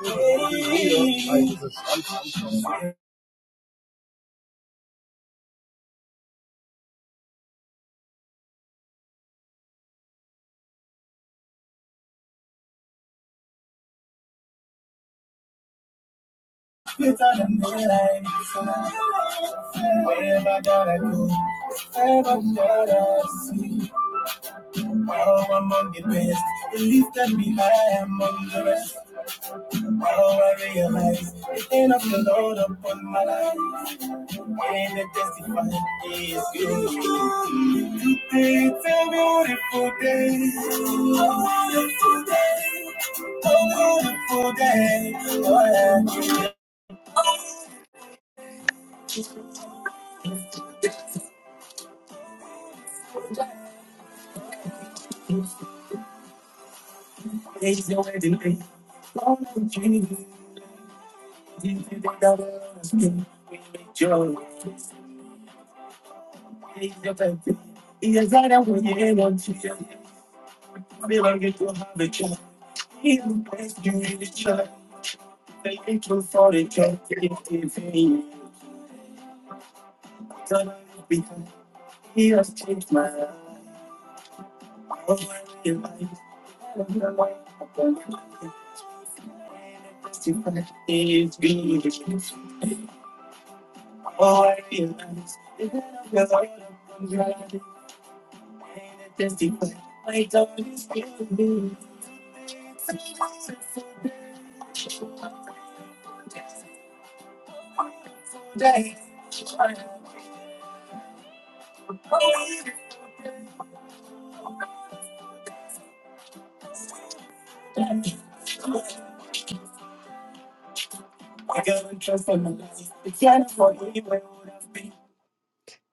It's on the midnight sun. Wherever that I gotta go, wherever that I gotta see. Wow, I'm on the best. The least that be high, I'm on the rest. Wow, I realize the hand of the Lord upon my life. And I testify He is good. Today it's a beautiful day. A beautiful day. A beautiful day. Oh, yeah.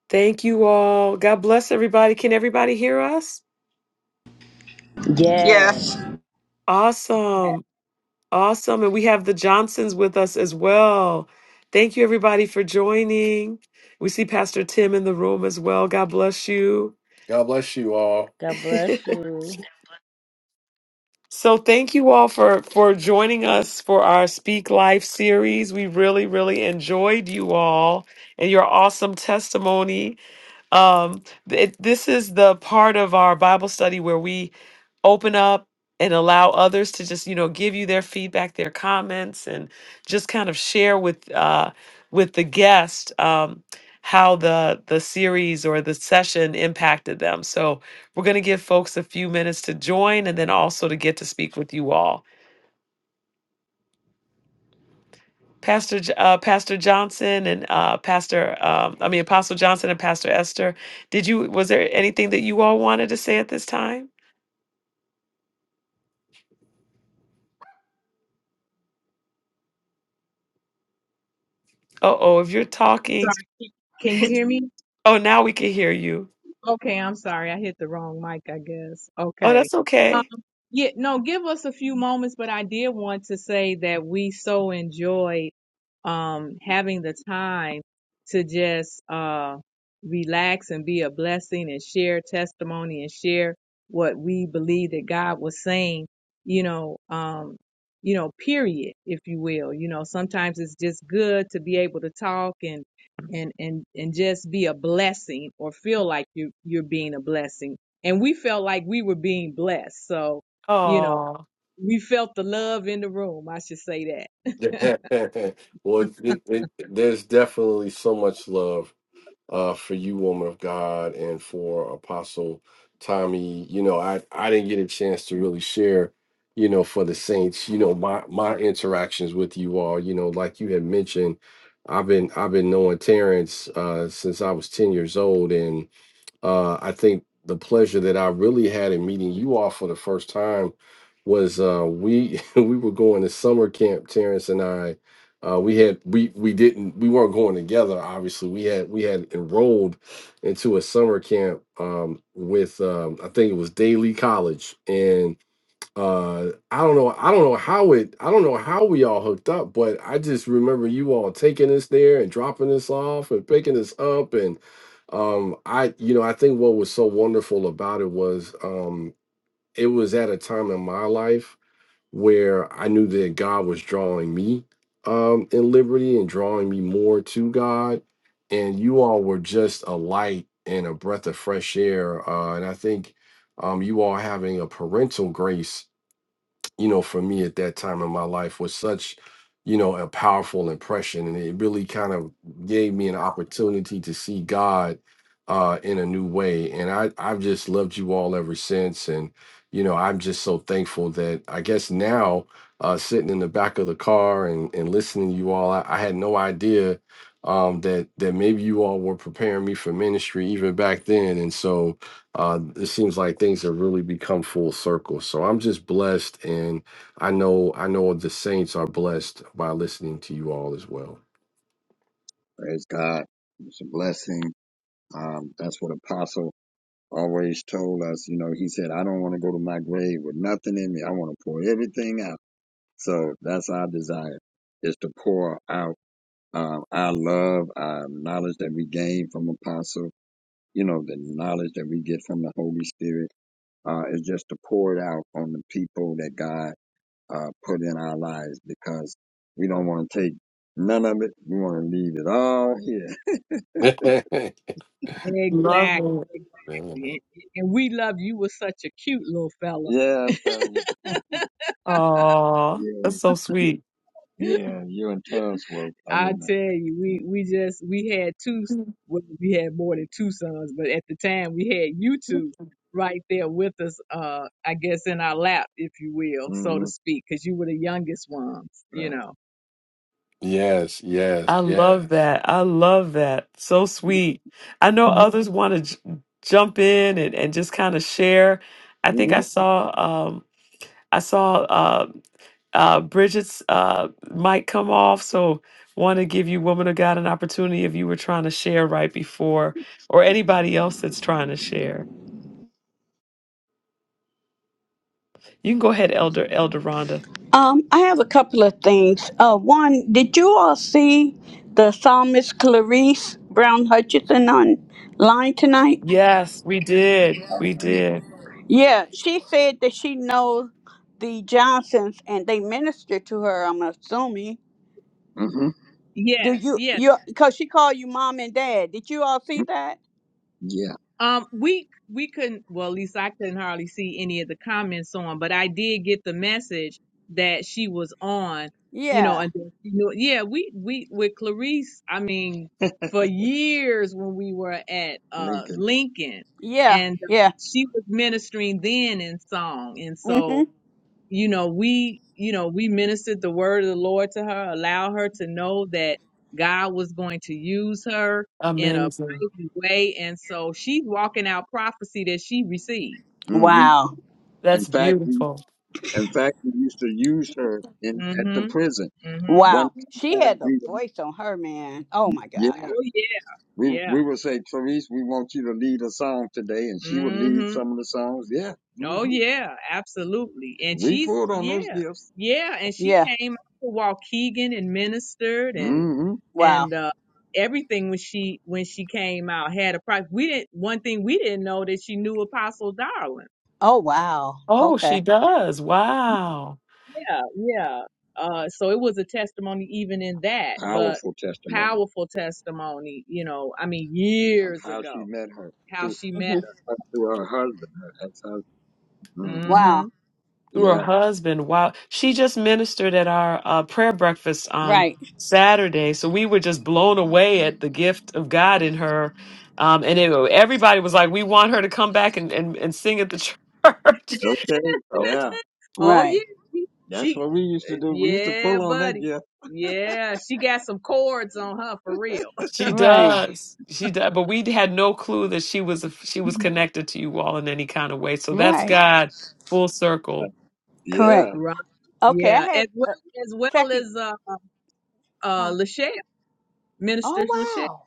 Thank you all. God bless everybody. Can everybody hear us? Yes. Yes. Awesome. Awesome. And we have the Johnsons with us as well. Thank you, everybody, for joining. We see Pastor Tim in the room as well. God bless you. God bless you all. God bless you. so thank you all for for joining us for our Speak Life series. We really, really enjoyed you all and your awesome testimony. um, it, this is the part of our Bible study where we open up and allow others to just, you know, give you their feedback, their comments, and just kind of share with uh, with the guest um, how the the series or the session impacted them. So we're going to give folks a few minutes to join, and then also to get to speak with you all. Pastor J- uh, Pastor Johnson and uh, Pastor um, I mean Apostle Johnson and Pastor Esther. Did you was there anything that you all wanted to say at this time? Oh oh, if you're talking, Sorry. Can you hear me? oh now we can hear you. Okay, I'm sorry. I hit the wrong mic, I guess. Oh, Okay. that's Um, okay. yeah, no, give us a few moments, but I did want to say that we so enjoyed um having the time to just uh relax and be a blessing and share testimony and share what we believe that God was saying, you know, um, you know, period, if you will. You know, sometimes it's just good to be able to talk and and and and just be a blessing or feel like you you're being a blessing and we felt like we were being blessed so you know Oh, we felt the love in the room i should say that well, it, it, there's definitely so much love uh, for you, woman of God, and for Apostle Tommy. You know, I I didn't get a chance to really share, you know, for the saints. You know, my my interactions with you all. You know, like you had mentioned, I've been I've been knowing Terrence uh, since I was ten years old, and. Uh, I think the pleasure that I really had in meeting you all for the first time was uh, we we were going to summer camp. Terrence and I, uh, we had we we didn't we weren't going together. Obviously, we had we had enrolled into a summer camp um, with um, I think it was Daly College, uh i don't know i don't know how it i don't know how we all hooked up but i just remember you all taking us there and dropping us off and picking us up and um i you know i think what was so wonderful about it was um it was at a time in my life where i knew that god was drawing me um in liberty and drawing me more to god and you all were just a light and a breath of fresh air uh and i think um you all having a parental grace you know, for me at that time in my life was such, you know, a powerful impression. And it really kind of gave me an opportunity to see God uh, in a new way. And I, I've just loved you all ever since. And, you know, I'm just so thankful that I guess now uh, sitting in the back of the car and, and listening to you all, I, I had no idea um, that, that maybe you all were preparing me for ministry even back then. And so, uh, it seems like things have really become full circle. So I'm just blessed, and I know I know the saints are blessed by listening to you all as well. Praise God. It's a blessing. Um, that's what Apostle always told us. You know, he said, I don't want to go to my grave with nothing in me. I want to pour everything out. So that's our desire is to pour out. Um, our love, our knowledge that we gain from Apostle, you know, the knowledge that we get from the Holy Spirit, uh, is just to pour it out on the people that God, uh, put in our lives because we don't want to take none of it. We want to leave it all here. Man. Love Exactly. it. Exactly. And, and we love you. You were such a cute little fella. Yeah, thank Oh, you. that's so sweet. Yeah, you and Tubbs were. I I remember. tell you, we we just we had two. Well, we had more than two sons, but at the time we had you two right there with us. Uh, I guess in our lap, if you will, so to Mm-hmm. speak, because you were the youngest ones. You Right. know. Yes, yes, I yes. love yes. that. I love that. So sweet. I know Mhm. others want to j- jump in and, and just kind of share. I think I saw um I saw uh, Bridget's uh, might come off. So, want to give you, woman of God, an opportunity if you were trying to share right before, or anybody else that's trying to share. You can go ahead, Elder Elder Rhonda. Um, I have a couple of things. Uh, one, did you all see the psalmist Clarice Brown Hutchinson online tonight? Yes, we did. We Mm-hmm. did. Yeah, she said that she knows the Johnsons and they minister to her. I'm assuming. Mm-hmm. Do Yes, you yes. you because she called you mom and dad? Did you all see that? Yeah. Um, we we couldn't. Well, at least I couldn't hardly see any of the comments on, but I did get the message that she was on. You know, Yeah, and then she knew. Yeah, we we with Clarice. I mean, for years when we were at uh Lincoln. Lincoln, yeah, and uh, yeah. she was ministering then in song, and so Mm-hmm. you know, we, you know, we ministered the word of the Lord to her, allow her to know that God was going to use her in a mighty way. And so she's walking out prophecy that she received. hmm Wow, In That's fact, we beautiful. in fact we used to use her in at the Mm-hmm. prison. Mm-hmm. One wow. She had sometimes the we voice on her man. Oh my yeah, God. Oh yeah, we yeah. we would say, Therese, we want you to lead a song today, and she would lead hmm some of the songs. Yeah, Oh hmm yeah, absolutely. And we she's pulled on those yeah, gifts. yeah. And she Yeah. came out to Waukegan and ministered and hmm Wow. and uh, everything when she when she came out had a price. We didn't. One thing we didn't know that she knew Apostle Darwin. Oh wow. Oh, Okay. she does. Wow. yeah, yeah. Uh, so it was a testimony even in that, but Powerful testimony powerful testimony, you know, I mean, of years how she ago, met her how through she Mm-hmm. met her, through her husband, her ex-husband. her. hmm hmm Wow. through her Yeah. husband. Wow. She just ministered at our uh, prayer breakfast on Right. Saturday. So we were just blown away at the gift of God in her. Um, and it, everybody was like, we want her to come back and, and, and sing at the church. Okay. So Yeah. oh, yeah. Right. She, That's she, what we used to do. We used to yeah, pull on that. buddy. Yeah. Yeah, she got some cords on her for real. she Right. does. She does. But we had no clue that she was, she was connected to you all in any kind of way. So that's Right. God full circle. Yeah. Correct. Right. Okay. I Yeah. As had uh, well as well second. as uh uh Huh? Lachelle, Minister Oh Lachelle. wow.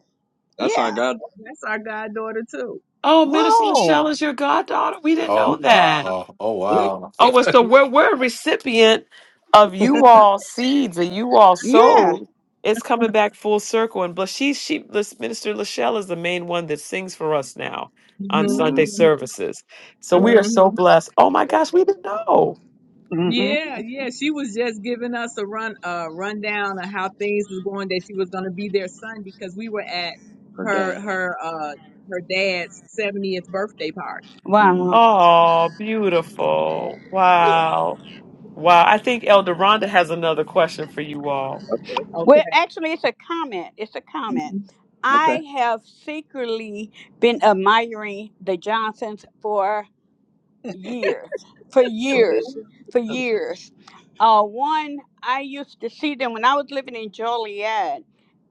That's our Yeah. God. That's our goddaughter too. Oh, Minister Whoa. Michelle is your goddaughter. We didn't know Oh, Mhm. that. oh, oh, Yeah. wow. Oh, it's the we're we're a recipient of you all seeds that you all Yeah. sowed. It's coming back full circle. And but she she this Minister Lachelle is the main one that sings for us now hmm on hmm Sunday services. So Right. we are so blessed. Oh my gosh, we didn't know. hmm hmm Yeah, yeah. She was just giving us a run, uh, rundown of how things was going. That she was going to be their son because we were at Her her dad. her uh her dad's seventieth birthday party. hmm Wow. Oh, beautiful. Wow. Wow. I think Elder Rhonda has another question for you all. Okay. Well, Okay. actually, it's a comment. It's a comment. Okay. I have secretly been admiring the Johnsons for years, for Go years, for ahead. years. Uh, one, I used to see them when I was living in Joliet.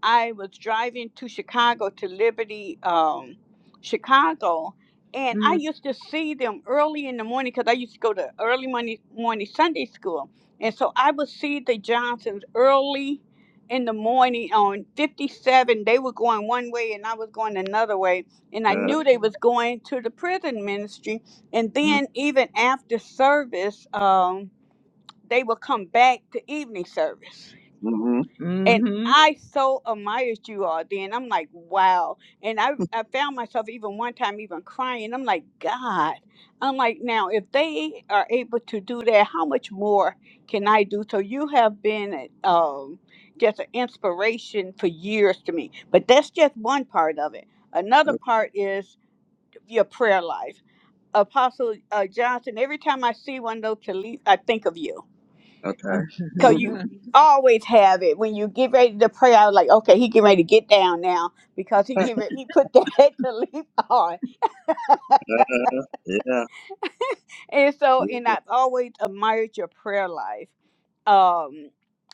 I was driving to Chicago to Liberty, um, Chicago, and I hmm used to see them early in the morning because I used to go to early morning, morning Sunday school. And so I would see the Johnsons early in the morning on 57. They were going one way and I was going another way. And I knew Uh, they was going to the prison ministry and then even after service, um, they would come back to evening service. mm-hmm. And hmm I so admired you all then. I'm like, wow. And I, I found myself even one time even crying. I'm like, God. I'm like, now if they are able to do that, how much more can I do? So you have been um, just an inspiration for years to me. But that's just one part of it. Another part is your prayer life Apostle uh, Johnson, every time I see one of those Talise, I think of you. Okay. Because you Mhm. always have it. When you get ready to pray, I was like, okay, he get ready to get down now because he get ready, he put that Talise on. Uh, yeah. And so, Yeah. and I've always admired your prayer life. Um,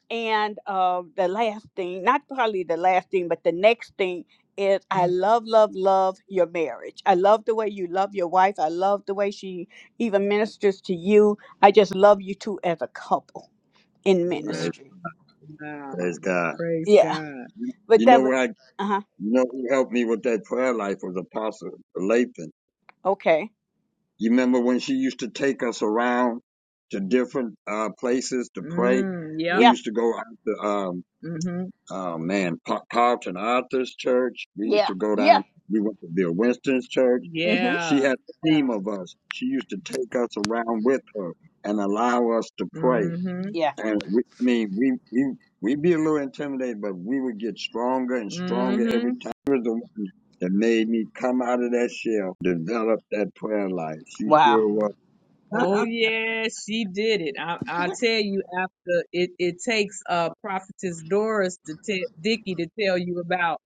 And uh, the last thing, not probably the last thing, but the next thing is I Wow. love, love, love your marriage. I love the way you love your wife. I love the way she even ministers to you. I just love you two as a couple in Praise ministry. Wow. Praise God. Praise Yeah. God. But You know that was, where I, uh huh. you know who helped me with that prayer life was Apostle Lathan. Okay. You remember when she used to take us around to different uh, places to pray? Mm, yep. We Yeah. used to go out to, um, Mm-hmm. oh man, Pa- Carlton Arthur's church. We used Yeah. to go Yeah. down, we went to Bill Winston's church. She Mm hmm. Yeah. had a team of us. She used to take us around with her and allow us to pray. Mm-hmm. Yeah. And we, I mean, we, we, we'd be a little intimidated, but we would get stronger and stronger hmm every time that made me come out of that shell, develop that prayer life. She Wow. sure was. Oh yeah, she did it. I I tell you, after it, it takes uh prophetess Doris to tell Dickie to tell you about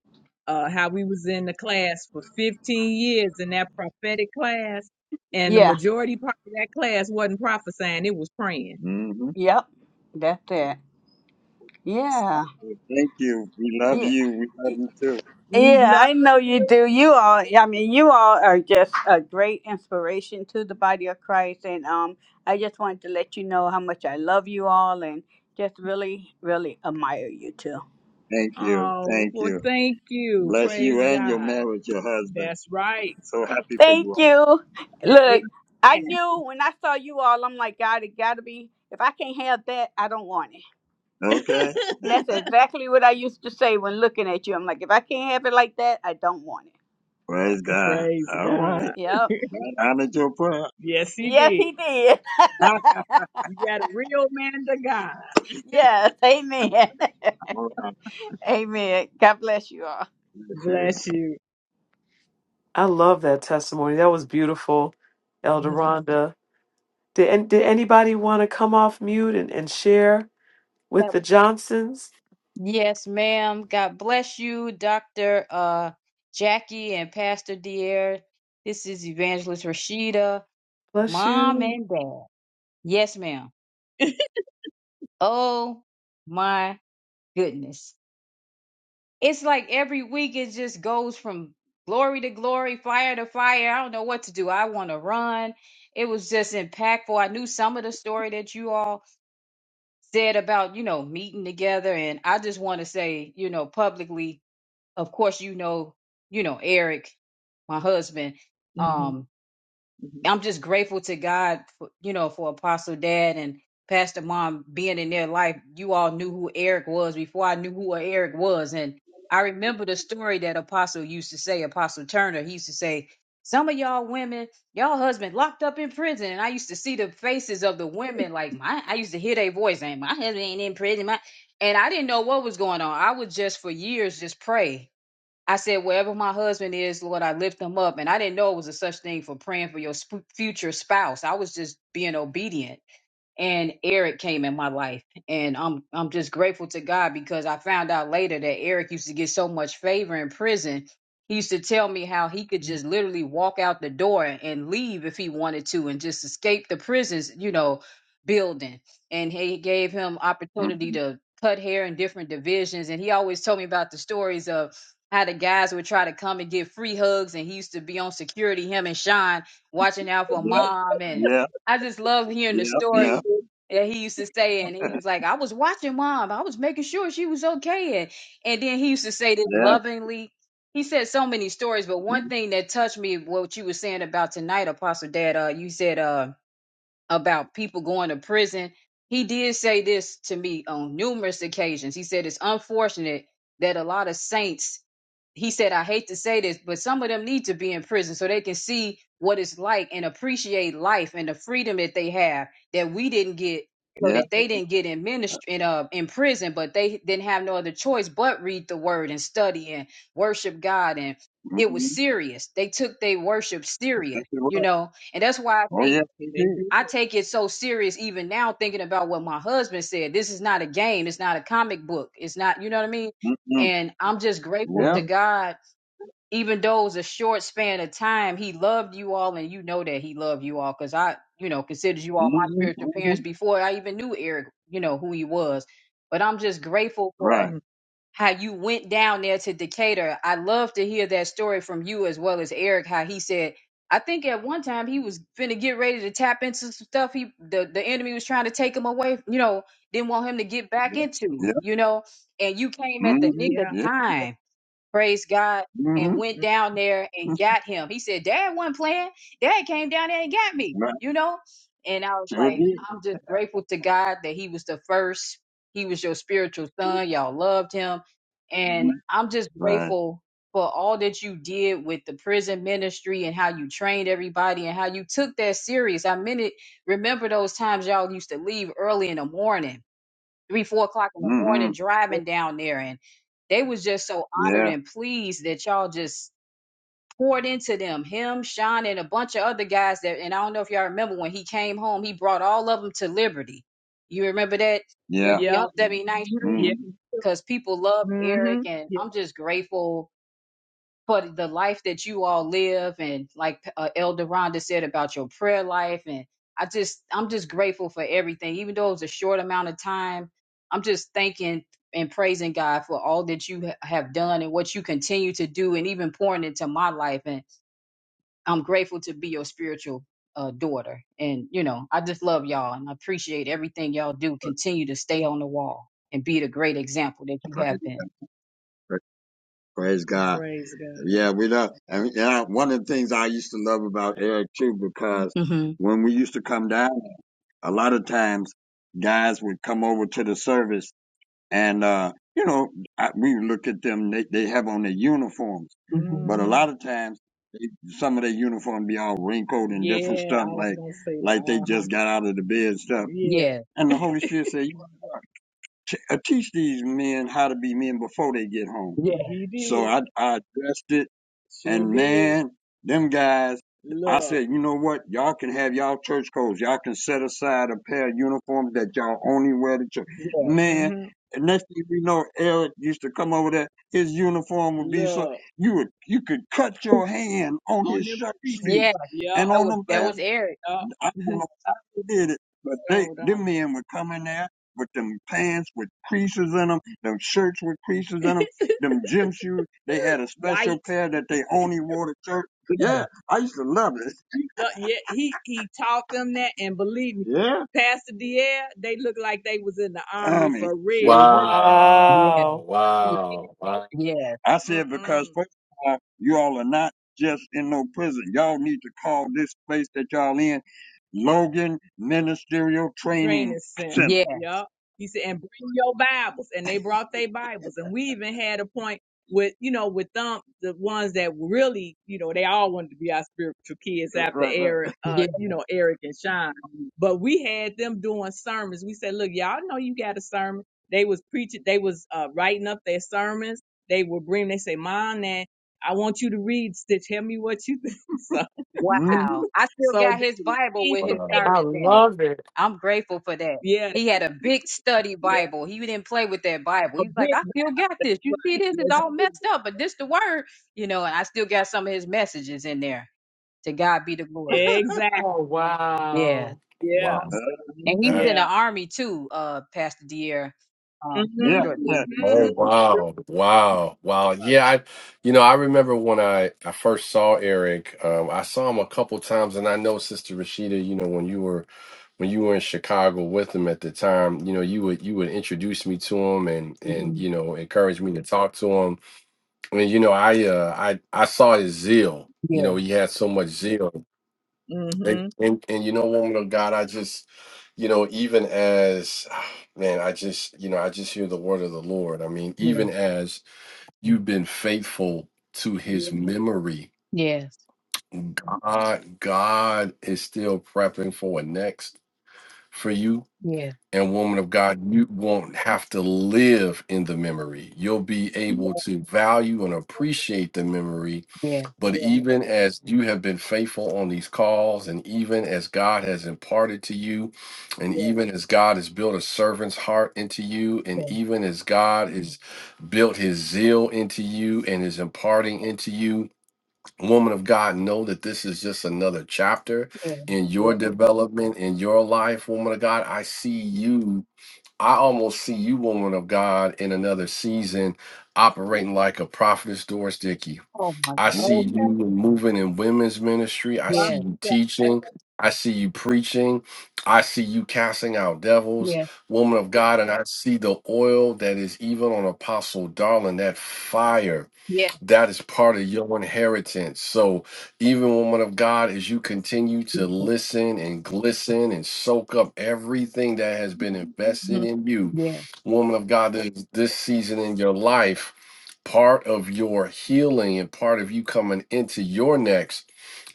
uh how we was in the class for 15 years in that prophetic class, and the Yeah. majority part of that class wasn't prophesying; it was praying. mm hmm Yep. That's it. Yeah. Thank you. We love Yeah. you. We love you too. We Yeah, love I know you. you do. You all, I mean, you all are just a great inspiration to the body of Christ. And um, I just wanted to let you know how much I love you all and just really, really admire you too. Thank you. Oh, Thank well, you. thank you. Bless Praise you and your God. marriage, your husband. That's right. So happy for Thank you all. you. Look, I Yeah, knew when I saw you all, I'm like, God, it got to be, if I can't have that, I don't want it. amen. Okay. That's exactly what I used to say when looking at you. I'm like, if I can't have it like that, I don't want Praise God. Praise All right. God. it. Yep. I honored your prayer. Yes, he Yes, did. he did. You got a real man to God. Yes. Amen. All right. Amen. God bless you all. Bless you. I love that testimony. That was beautiful, Elder Bless you. Rhonda. Did, an- did anybody want to come off mute and, and share with Yep. the Johnsons? Yes, ma'am. God bless you, Dr. Uh, Jackie and Pastor Dear. This is Evangelist Rashida, Bless mom you. and dad. Yes, ma'am. Oh my goodness. It's like every week it just goes from glory to glory, fire to fire. I don't know what to do. I want to run. It was just impactful. I knew some of the story that you all said about, you know, meeting together. And I just want to say, you know, publicly, of course you know you know eric my husband Mhm, mhm, um mhm, i'm just grateful to god for, you know for apostle dad and pastor mom being in their life you all knew who eric was before i knew who eric was and i remember the story that apostle used to say apostle turner he used to say some of y'all women y'all husband locked up in prison and i used to see the faces of the women like my i used to hear their voice and my husband ain't in prison my and i didn't know what was going on i would just for years just pray I said, wherever my husband is, Lord, I lift him up. And I didn't know it was a such thing for praying for your sp- future spouse. I was just being obedient and Eric came in my life. And I'm I'm just grateful to God because I found out later that Eric used to get so much favor in prison. He used to tell me how he could mhm. just literally walk out the door and leave if he wanted to and just escape the prisons, you know, building. And he gave him opportunity Mhm. to cut hair in different divisions. And he always told me about the stories of how the guys would try to come and get free hugs and he used to be on security, him and Sean watching out for Yep, mom and yep, I just love hearing the yep, He stories yep, sure yeah, he used to say, and he was like, I was watching mom. I was making sure she was okay. And, and then he used to say this yep, lovingly. He said so many stories, but one mm, thing that touched me, what you were saying about tonight, Apostle Dad, uh, you said, uh, about people going to prison. He did say this to me on numerous occasions. He said it's unfortunate that a lot of saints, he said, I hate to say this, but some of them need to be in prison so they can see what it's like and appreciate life and the freedom that they have that we didn't get, so yep. that they didn't get in ministry in uh in prison, but they didn't have no other choice but read the word and study and worship God. And it was Mm-hmm. serious. They took their worship serious, That's it. you Right. know. And that's why I Oh, think yes, he did. did. I take it so serious even now thinking about what my husband said. This is not a game, it's not a comic book. It's not, you know what I mean? Mm-mm. And I'm just grateful to Yep. mm God, even though it was a short span of time, he loved you all and you know that he loved you all because I, you know, considered you all my Mm-hmm. spiritual parents Mm-hmm. before I even knew Eric, you know, who he was. But I'm just grateful for Right. mhm. how you went down there to Decatur. I love to hear that story from you as well as Eric, how he said, I think at one time he was finna get ready to tap into some stuff he the, the enemy was trying to take him away, you know, didn't want him to get back Yep. into, you know, and you came at Mm-hmm. the nick of Yeah. Yeah. time praise God, and Mm-hmm. went down there and Mm, got him. He said, Dad wasn't playing. Dad came down there and got me, Right. you know? And I was Sure like, did. I'm just grateful to God that he was the first. He was your spiritual son. Y'all loved him. mm, And I'm just Right. grateful for all that you did with the prison ministry and how you trained everybody and how you took that serious. I mean it remember those times y'all used to leave early in the morning three, four o'clock in the Mm-hmm. morning driving down there. And they was just so honored Yeah. and pleased that y'all just poured into them. Him, Sean, and a bunch of other guys that and I don't know if y'all remember when he came home, he brought all of them to Liberty. You remember that? Yeah. Yeah. Liberty Yeah. on 79th Street. Mm-hmm. Because people loved Mm-hmm. Eric and Yeah. I'm just grateful for the life that you all live and like uh, elder rhonda said about your prayer life and i just i'm just grateful for everything even though it was a short amount of time i'm just thanking and praising god for all that you ha- have done and what you continue to do and even pouring into my life and i'm grateful to be your spiritual uh, daughter and you know i just love y'all and i appreciate everything y'all do continue to stay on the wall and be the great example that you have Praise God. been Praise God. Praise God. Yeah, we love. And yeah, one of the things I used to love about Eric too, because hmm when we used to come down, a lot of times guys would come over to the service, and uh, you know, I, we would look at them. They they have on their uniforms, hmm but a Mm. lot of times. some of their uniform be all wrinkled and Yeah, different Yeah, stuff, was like gonna say, like they uh huh. just got out of the bed and stuff. Yeah, yeah And the Holy Spirit said, t- I teach these men how to be men before they get home. yeah And he did. So I, I addressed it, Sure and did. man, them guys, I Look. said, you know what? Y'all can have y'all church coats. Y'all can set aside a pair of uniforms that y'all only wear to church. yeah Man, Mm-hmm. and next thing we know, Eric used to come over there. His uniform would be so Look. you would you could cut your hand on On his them shirt creases. Yeah, sleeves Yeah. and that on was them that pants. was Eric. Yeah. I don't know how they did it, but they Hold them on. men would come in there with them pants with creases in them, them shirts with creases in them, them gym shoes. They had a special White. pair that they only wore to church. Mhm. Yeah, I used to love it. Uh, yeah, he he taught them that, and believe me, Yeah, Pastor Dier, they looked like they was in the I army I mean, for real. sure yeah, Wow. did. Wow. Wow. yeah, I said because Mm-mm. first of all, you all are not just in no prison. Y'all need to call this place that y'all in Logan Ministerial Training Training Center. Center. yeah, Yup. He said, and bring your Bibles. And they brought their Bibles. And we even had a point with, you know, with them, the ones that really, you know, they all wanted to be our spiritual kids Right, after right, right. Eric, uh, yeah. you know, Eric and Sean. But we had them doing sermons. We said, look, y'all know you got a sermon. They was preaching, they was uh, writing up their sermons they will bring, they say, Mom, now, I want you to read. So tell me what you think. so, hmm Wow. I still so got they his will Bible be with prepared. his sermons in it. I'm grateful for that. Yeah, He had a big study yeah, Bible. He didn't play with that Bible. a He's like, big I still got this. You see this? It's all messed up, but this the word, you know, and I still got some of his messages in there. To God be the glory. exactly. Wow. Yeah. Wow. Yeah, uh, Wow. And he was That. in the yeah. army too, uh, Pastor Dier, um, for Mm-hmm. a yeah, short Mhm, yeah, time. you Oh sure wow. Wow. Wow. Yeah, I you know, I remember when I I first saw Eric, um I saw him a couple times and I know Sister Rashida, you know, when you were when you were in Chicago with him at the time, you know, you would you would introduce me to him and and hmm you know, encourage me to talk to him. And you know, I uh I I saw his zeal. You Yeah, know, he had so much zeal And, mhm, was. mhm. and and you know, woman of God, I just, you know, even as man, I just, you know, I just hear the word of the Lord. I mean, yeah. even as you've been faithful to his memory, Yes. God, God is still prepping for a next for you. yes. And woman of God, you won't have to live in the memory. You'll be Yeah, able to value and appreciate the memory Yeah. but yeah, even as you have been faithful on these calls, and even as God has imparted to you, and yeah, even as God has built a servant's heart into you, Yeah. and even as God has built his zeal into you and is imparting into you, woman of God, know that this is just another chapter Yeah. in yeah, your development, in your life, woman of God. I see you. I almost see you, woman of God, in another season yeah. operating like a prophetess Doris Dickey. Oh my. I hmm see you Okay, moving in women's ministry. I right. see Yeah. you teaching. I see you preaching. I see you casting out devils, Yeah. woman of God. And I see the oil that is even on Apostle Darling, that fire. Yeah. That is part of your inheritance. So, even woman of God, as you continue to Yeah. listen and glisten and soak up everything that has been invested Mhm, in you, Yeah. woman of God, this, this season in your life, part of your healing and part of you coming into your next,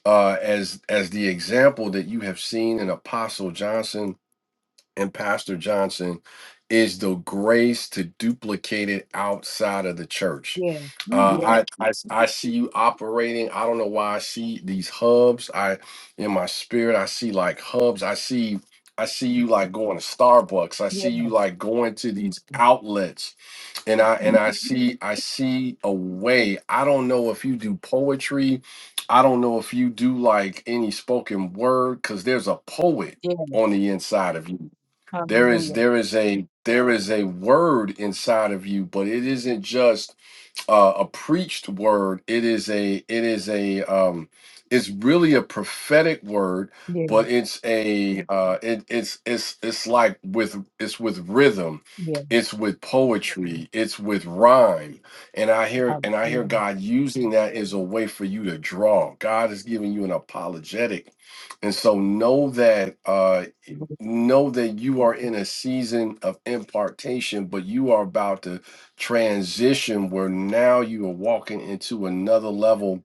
uh, as as the example that you have seen in Apostle Johnson and Pastor Johnson is the grace to duplicate it outside of the church. Yeah. hmm yeah. Uh, I, I I see you operating. I don't know why I see these hubs. I in my spirit I see like hubs. I see I see you like going to Starbucks. I Yeah. see you like going to these outlets. And I and I see I see a way. I don't know if you do poetry. I don't know if you do like any spoken word because there's a poet Yeah. on the inside of you there is Hallelujah. there is a there is a word inside of you, but it isn't just uh, a preached word. It is a it is a um, it's really a prophetic word, Yeah. but it's a uh, it, it's it's it's like with it's with rhythm, Yeah. it's with poetry, it's with rhyme, and I hear and I hear Hallelujah. God using that as a way for you to draw. God is giving you an apologetic, and so know that uh, know that you are in a season of impartation, but you are about to transition where now you are walking into another level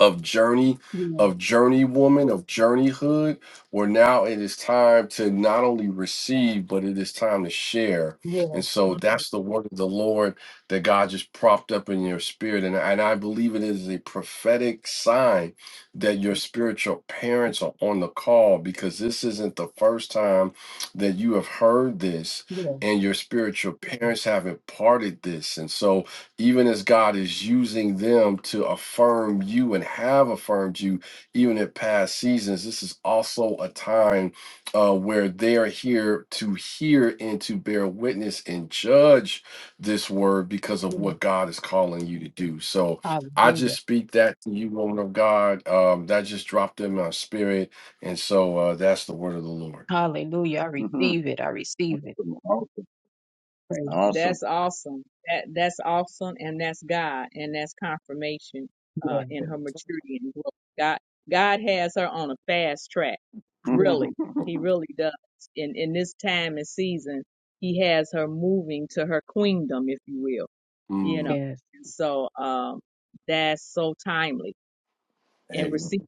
of journey Yeah. of journey woman of journeyhood where now it is time to not only receive but it is time to share Yeah. and so that's hmm the word of the lord that god just propped up in your spirit and, and i believe it is a prophetic sign that your spiritual parents are on the call because this isn't the first time that you have heard this Yeah. and your spiritual parents have imparted this and so even as God is using them to affirm you and have affirmed you, even in past seasons, this is also a time uh, where they are here to hear and to bear witness and judge this word because of Yeah. what God is calling you to do. So I just Hallelujah. speak that to you, woman of God. Um, that just dropped in my spirit. And so uh, that's the word of the Lord. Hallelujah. I receive it. I receive it. Awesome. Praise. Awesome. That's awesome. That that's awesome, and that's God, and that's confirmation uh, Yeah. in her maturity and growth. God God has her on a fast track. Yeah. Really, He really does. In in this time and season, He has her moving to her queendom, if you will you know. Mm, Yes. And so um, that's so timely and amen. receive.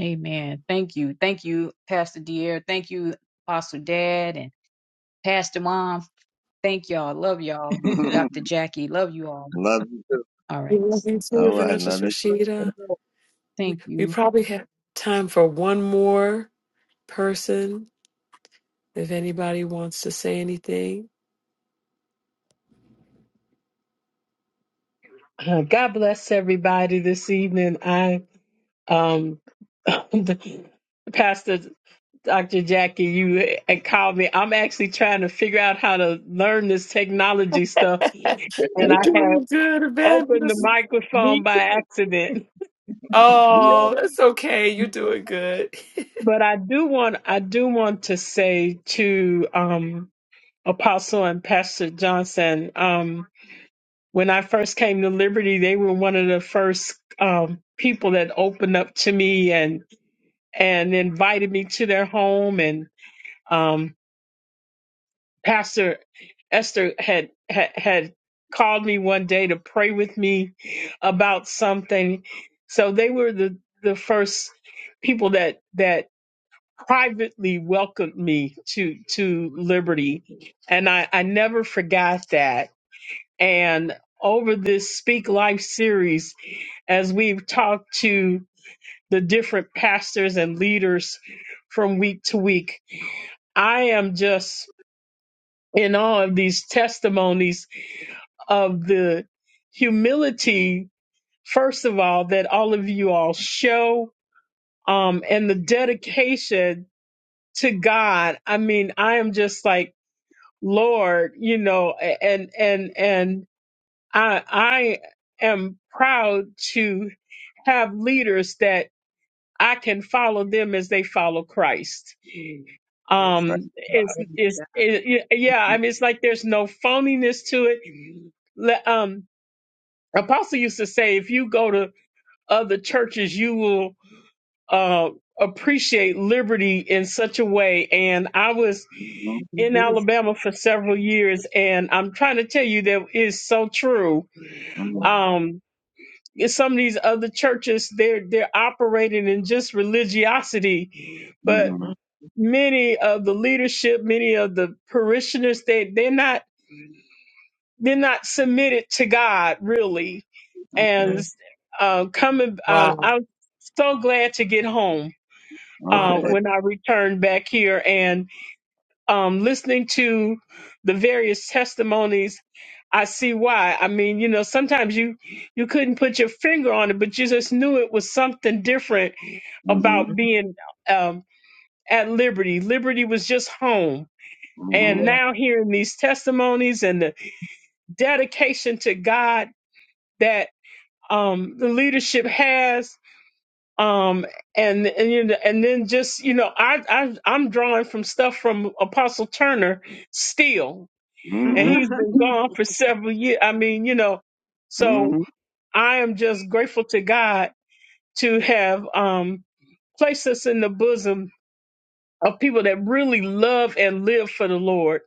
Amen. Thank you. Thank you, Pastor Dier. Thank you, Apostle Dad and Pastor Mom. Thank y'all. Love y'all. love Dr. Jackie. Love you all. you. All I right. love you too, All right, love Evangelist you. Rashida. We Thank we you. probably have time for one more person if anybody wants to say anything. Uh, God bless everybody this evening. I, um, Pastor Dr. Jackie, you had called me. I'm actually trying to figure out how to learn this technology stuff, and You're I have doing good, opened the Evangelist. Me microphone by too. accident. We Oh, that's okay. You're doing good. But I do want, I do want to say to um, Apostle and Pastor Johnson, um, when I first came to Liberty, they were one of the first um, people that opened up to me and and invited me to their home. And um, Pastor Esther had, had had called me one day to pray with me about something. So they were the the first people that that privately welcomed me to to liberty, and I I never forgot that. And over this Speak Life series, as we've talked to the different pastors and leaders from week to week. I am just in awe of these testimonies of the humility, first of all, that all of you all show, um, and the dedication to God. I mean, I am just like, Lord, you know, and, and, and I, I am proud to have leaders that I can follow them as they follow Christ are. so, um it's it's it, yeah i mean it's like there's no phoniness to it Le- um apostle used to say if you go to other churches you will uh appreciate liberty in such a way and i was hmm in He alabama for several years and i'm trying to tell you that is so true hmm Wow. um in some of these other churches they're they're operating in just religiosity but hmm many of the leadership, many of the parishioners, they they're not they're not submitted to God really. And uh, coming, um, wow. I'm so glad to get home Okay. Wow. uh, when I returned back here and um, listening to the various testimonies. I see why. I mean, you know, sometimes you you couldn't put your finger on it, but you just knew it was something different Okay. about being um, at liberty. Liberty was just home Mm-hmm. and yeah. now hearing these testimonies and the dedication to God that um, the leadership has, um, and and you know, and then just you know, I, I I'm drawing from stuff from Apostle Turner still, hmm and he's been gone for several years. I mean, you know, so hmm I am just grateful to God to have um, placed us in the bosom of people that really love and live for the Lord.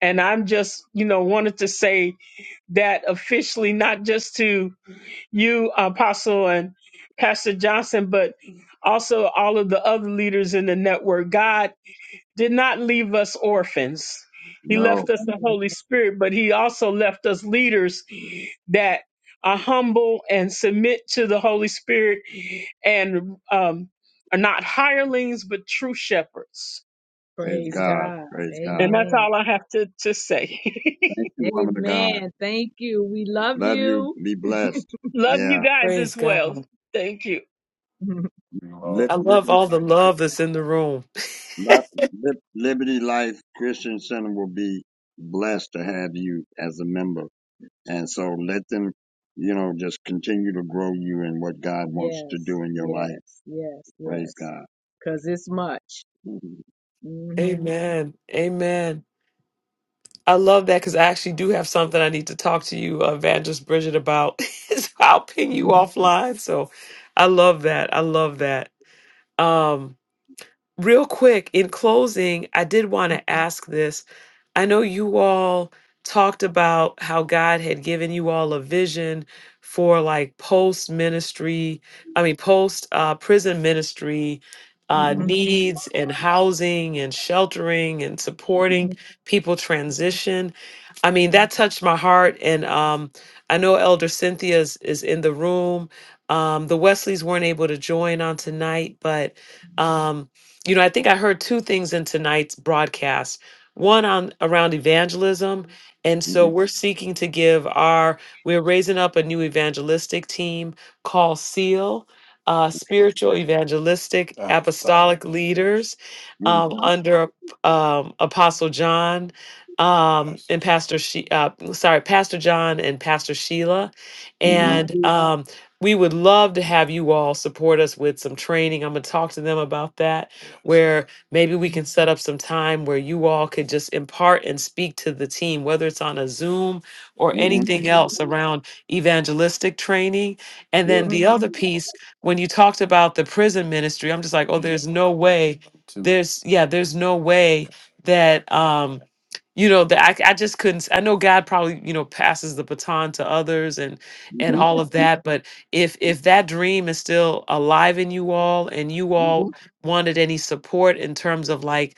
And I'm just, you know, wanted to say that officially, not just to you, Apostle and Pastor Johnson, but also all of the other leaders in the network. God did not leave us orphans. He No. left us the Holy Spirit, but He also left us leaders that are humble and submit to the Holy Spirit and um, are not hirelings, but true shepherds. Praise Praise God. God. Praise God. And that's Amen. all I have to, to say. Thank you, woman of God. Amen. Thank you. We love Love you. you. Be blessed. Love you Yeah. guys Praise as well. God. Thank you. Live, I live love your all the life. love that's in the room. Li- Lib- Liberty Life Christian Center will be blessed to have you as a member. And so let them, you know, just continue to grow you in what God wants to Yes, do in your life. yes, yes, Praise yes. God. Cause it's much. Mhm, Mhm. Amen. Amen. I love that because I actually do have something I need to talk to you, uh, Evangelist Bridget, about. so I'll ping you offline. So I love that. I love that. Um, real quick in closing i did want to ask this i know you all talked about how god had given you all a vision for like post ministry i mean post uh, prison ministry mhm, uh, Mhm. needs and housing and sheltering and supporting mhm, people transition i mean that touched my heart and um, i know elder cynthia is, is in the room um, the wesleys weren't able to join on tonight but um, you know, I think I heard two things in tonight's broadcast. One on around evangelism, and Mhm. so mhm, we're seeking to give our we're raising up a new evangelistic team called SEAL, uh, spiritual evangelistic Apostolic. leaders mhm, um, Mhm. under um, Apostle John um, Pastor and Pastor she uh, sorry Pastor John and Pastor Sheila, and um, we would love to have you all support us with some training. I'm gonna talk to them about that where maybe we can set up some time where you all could just impart and speak to the team, whether it's on a Zoom or Oh, mhm, mhm. Mhm. mhm. Mhm. anything Mhm. else around evangelistic training. And Sure. then the Mhm. other piece, when you talked about the prison ministry, I'm just like, oh, there's no way, there's, yeah, there's no way that, um, you know that I, I just couldn't s- I know god probably you know passes the baton to others and and Mhm, all of that but if if that dream is still alive in you all and you mhm, all wanted any support in terms of like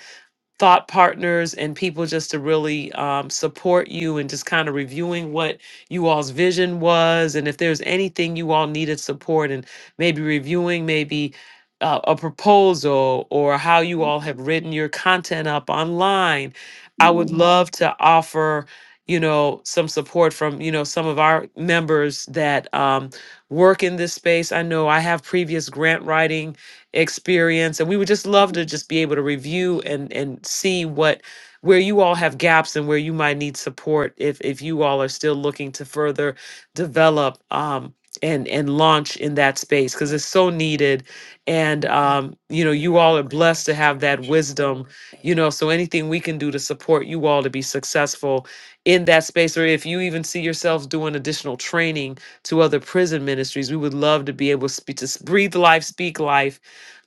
thought partners and people just to really um, support you and just kind of reviewing what you all's vision was and if there's anything you all needed support and maybe reviewing maybe uh, a proposal or how you all have written your content up online i would mhm. Mhm. love to offer you know some support from you know some of our members that um, work in this space i know i have previous grant writing experience and we would just love to just be able to review and and see what where you all have gaps and where you might need support if if you all are still looking to further develop um and and launch in that space because it's so needed and um you know you all are blessed to have that wisdom you know so anything we can do to support you all to be successful in that space or if you even see yourselves doing additional training to other prison ministries we would love to be able to, speak, to s- breathe life speak life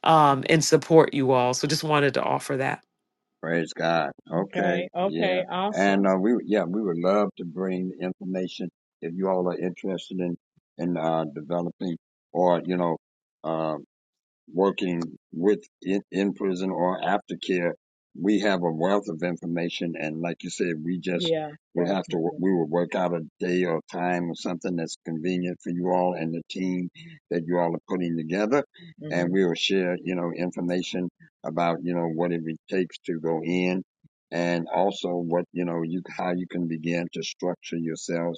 um, and support you all. So just wanted to offer that. Praise God. Okay. Okay, Yeah. okay, awesome. And uh, we, yeah, we would love to bring information if you all are interested in in uh, developing or you know uh, working with in, in prison or aftercare, we have a wealth of information. And like you said, we just Yeah, would have to, definitely. we would work out a day or time or something that's convenient for you all and the team that you all are putting together. And hmm we will share, you know, information about, you know, what it takes to go in and also what, you know, you, how you can begin to structure yourselves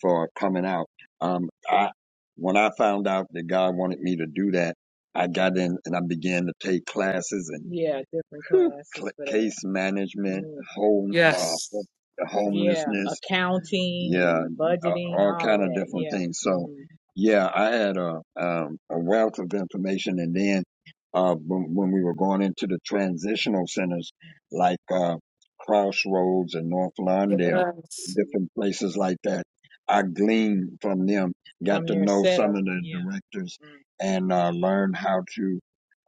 for coming out. Um, I, when I found out that God wanted me to do that, I got in and I began to take classes and Yeah, different whew, classes cl- for that. case management, Mm. home, uh, Yes. Yeah, homelessness, accounting yeah, accounting, uh, budgeting, all all kind of of that. different Yeah. things. So, hmm yeah, I had a um, a wealth of information, and then uh, when, when we were going into the transitional centers like uh, Crossroads and North Lawndale, different places like that I gleaned from them, got From to your know some setup, of the yeah. directors Mm. and uh, learn how to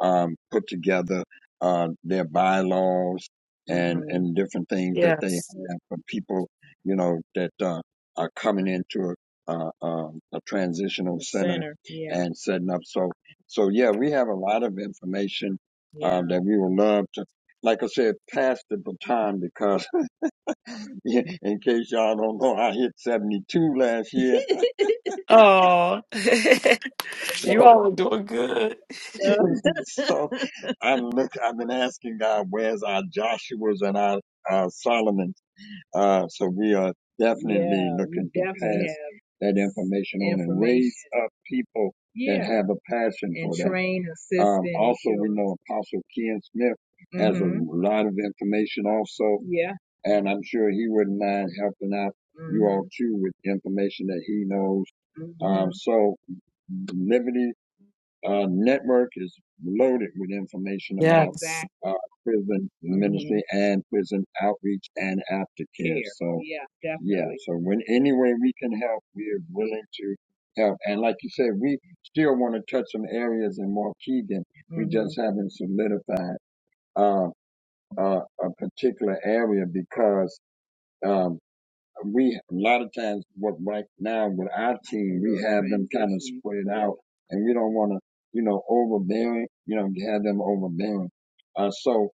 um, put together uh, their bylaws and, Mhm. and different things that they Yes. have for people, you know, that uh, are coming into a, uh, um a transitional The center center, yeah, and setting up. So, so yeah, we have a lot of information yeah. um, that we would love to, like I said, pass the baton because in case y'all don't know, I hit 72 last year Oh, you So, all are doing good. so I look, I've been asking God, where's our Joshua's and our, our Solomon? Uh, so we are definitely yeah, we looking to definitely pass have that information on and information. raise up people that Yeah, have a passion and for that. train, assist, Um, also, we know Apostle Ken Smith has a hmm lot of information also, Yeah. and I'm sure he wouldn't mind helping out you all hmm too with information that he knows. Mm-hmm. Um, Mhm. so Liberty uh, network is loaded with information about Exactly. Yes. uh, prison hmm ministry and prison outreach and aftercare. Care. So, Yeah, yeah, definitely. so when any way we can help, we're willing to help. And like you said, we still want to touch some areas in Waukegan. We hmm just haven't solidified uh, uh, a particular area because. Um, we a lot of times what right now with our team we have them kind of spread out and we don't want to you know overbearing you know have them overbearing uh so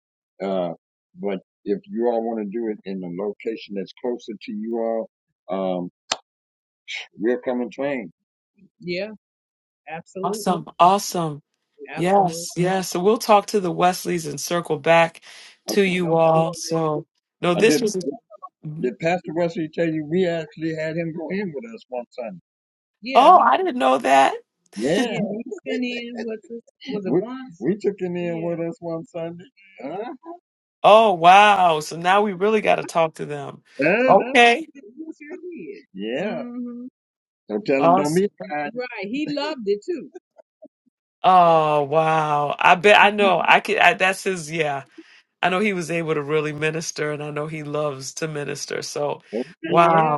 uh but if you all want to do it in a location that's closer to you all um we'll come and train Yeah, absolutely. Awesome. Awesome. Absolutely. Yes, yes. So we'll talk to the Wesleys and circle back to okay. No you all. problem. So, no, i this did was. hmm Mhm. did pastor wesley tell you we actually had him go in with us one sunday Yeah. Oh, he I didn't know that. Yeah, Yeah, we went in with us. Was it we once? we took him in Yeah. with us one Sunday. Huh? Oh, wow. So now we really got to talk to them. Yeah, Uh-huh. but Okay. we sure did. Yeah. hmm Don't tell him don't be Awesome. fine. Right. He loved it too. Oh, wow. I bet I know. I could. I, that's his. Yeah. I know he was able to really minister, and I know he loves to minister. So, wow. Yeah.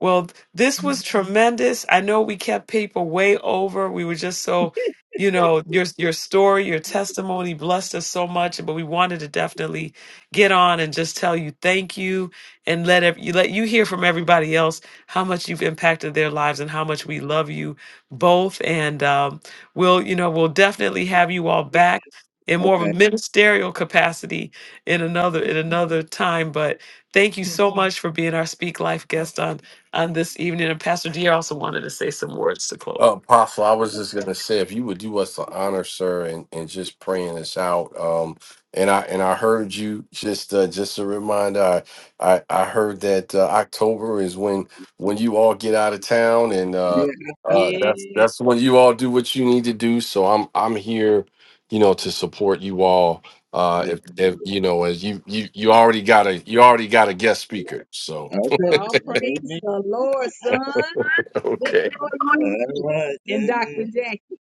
Well, this was tremendous. I know we kept people way over. We were just so, you know, your your story, your testimony blessed us so much, but we wanted to definitely get on and just tell you thank you and let ev- you let you hear from everybody else how much you've impacted their lives and how much we love you both. And um, we'll, you know, we'll definitely have you all back in more of a Okay. ministerial capacity in another in another time, but Thank you Yeah. so much for being our Speak Life guest on on this evening. And Pastor Deere also wanted to say some words to close. Uh, Apostle, I was just gonna say, if you would do us the honor, sir, and, and just praying us out. Um, and I and I heard you just uh, just a reminder. I I, I heard that uh, October is when when you all get out of town, and uh, uh, that's Yeah. that's when you all do what you need to do. So I'm I'm here, you know, to support you all. Uh, if if you know, as you you you already got a you already got a guest speaker. So Okay. All praise Amen. the Lord, son. Let okay. the Lord use All you All right. and Dr. Amen. Jackie.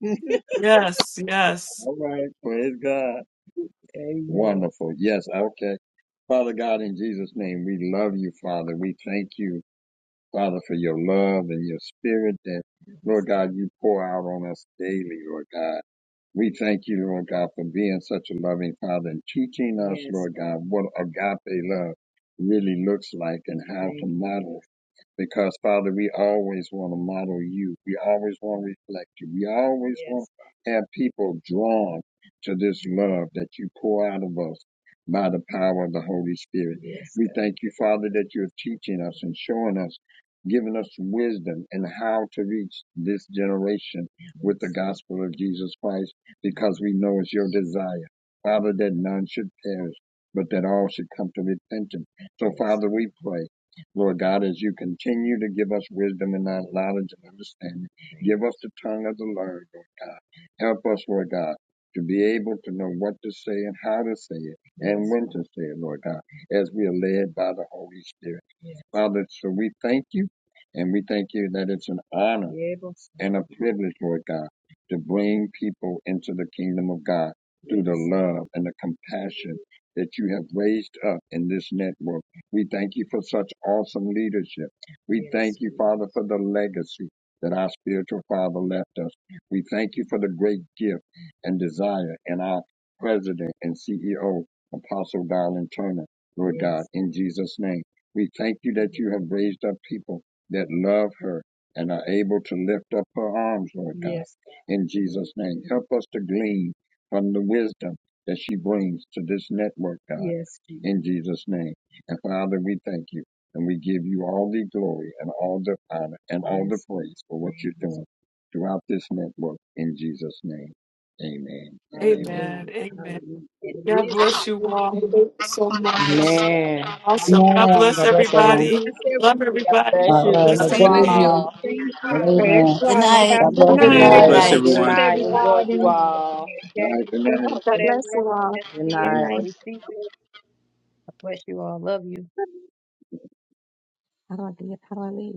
Yes, yes. All right. Praise God. Amen. Wonderful. Yes. Okay. Father God, in Jesus' name, we love you, Father. We thank you. Father, for your love and your spirit that, Lord God, you pour out on us daily, Lord God. We thank you, Lord God, for being such a loving Father and teaching us, Yes, Lord God, what agape love really looks like and how to model because Father, we always want to model you. We always want to reflect you. We always want Yes, to have people drawn to this love that you pour out of us by the power of the Holy Spirit. yes, We thank you, Father, that you're teaching us and showing us, giving us wisdom and how to reach this generation with the Yes, gospel of Jesus Christ, because we know it's your desire, Father, that none should perish, but that all should come to repentance. So, Yes, Father, we pray. Lord God, as you continue to give us wisdom and knowledge and understanding, give us the tongue of the learned, Lord God. Help us, Lord God, to be able to know what to say and how to say it and Yes, when to say it, Lord God, as we are led by the Holy Spirit. Father, so we thank you and we thank you that it's an honor Yes, and a privilege, Lord God, to bring people into the kingdom of God through the Yes, love and the compassion that you have raised up in this network. We thank you for such awesome leadership. We Yes, thank you, Father, for the legacy that our spiritual father left us. We thank you for the great gift and desire in our president and CEO, Apostle Darlene Turner, Lord God, Yes, in Jesus' name. We thank you that you have raised up people that love her and are able to lift up her arms, Lord God, yes, in Jesus' name. Help us to glean from the wisdom that she brings to this network, God yes, in Jesus' name. And Father, we thank you and we give you all the glory and all the honor and all the Praise. for what you're doing throughout this network in Jesus' name. Amen and Amen. amen. Hallelujah. Amen. it God is. bless good. you all. Thank you so much. man. All Awesome. right. God Amen. bless God bless God everyone. everybody. bless Love everyone. God everybody. bless All you. Have a right. Love blessed you Love God Good you bless you. evening. all. evening. all. all. Thank Good you. evening. Good night. God Have a bless Good Have good a Amen. God you. night. night. bless blessed Night. Good everyone. night. night. Enjoy you all. Night Jackie, and thank Oh, you night. for God that bless you word. all. Yes, Good Good Sierra, night. I night. received it. I bless you all. Love you. How do I do it? How do I leave?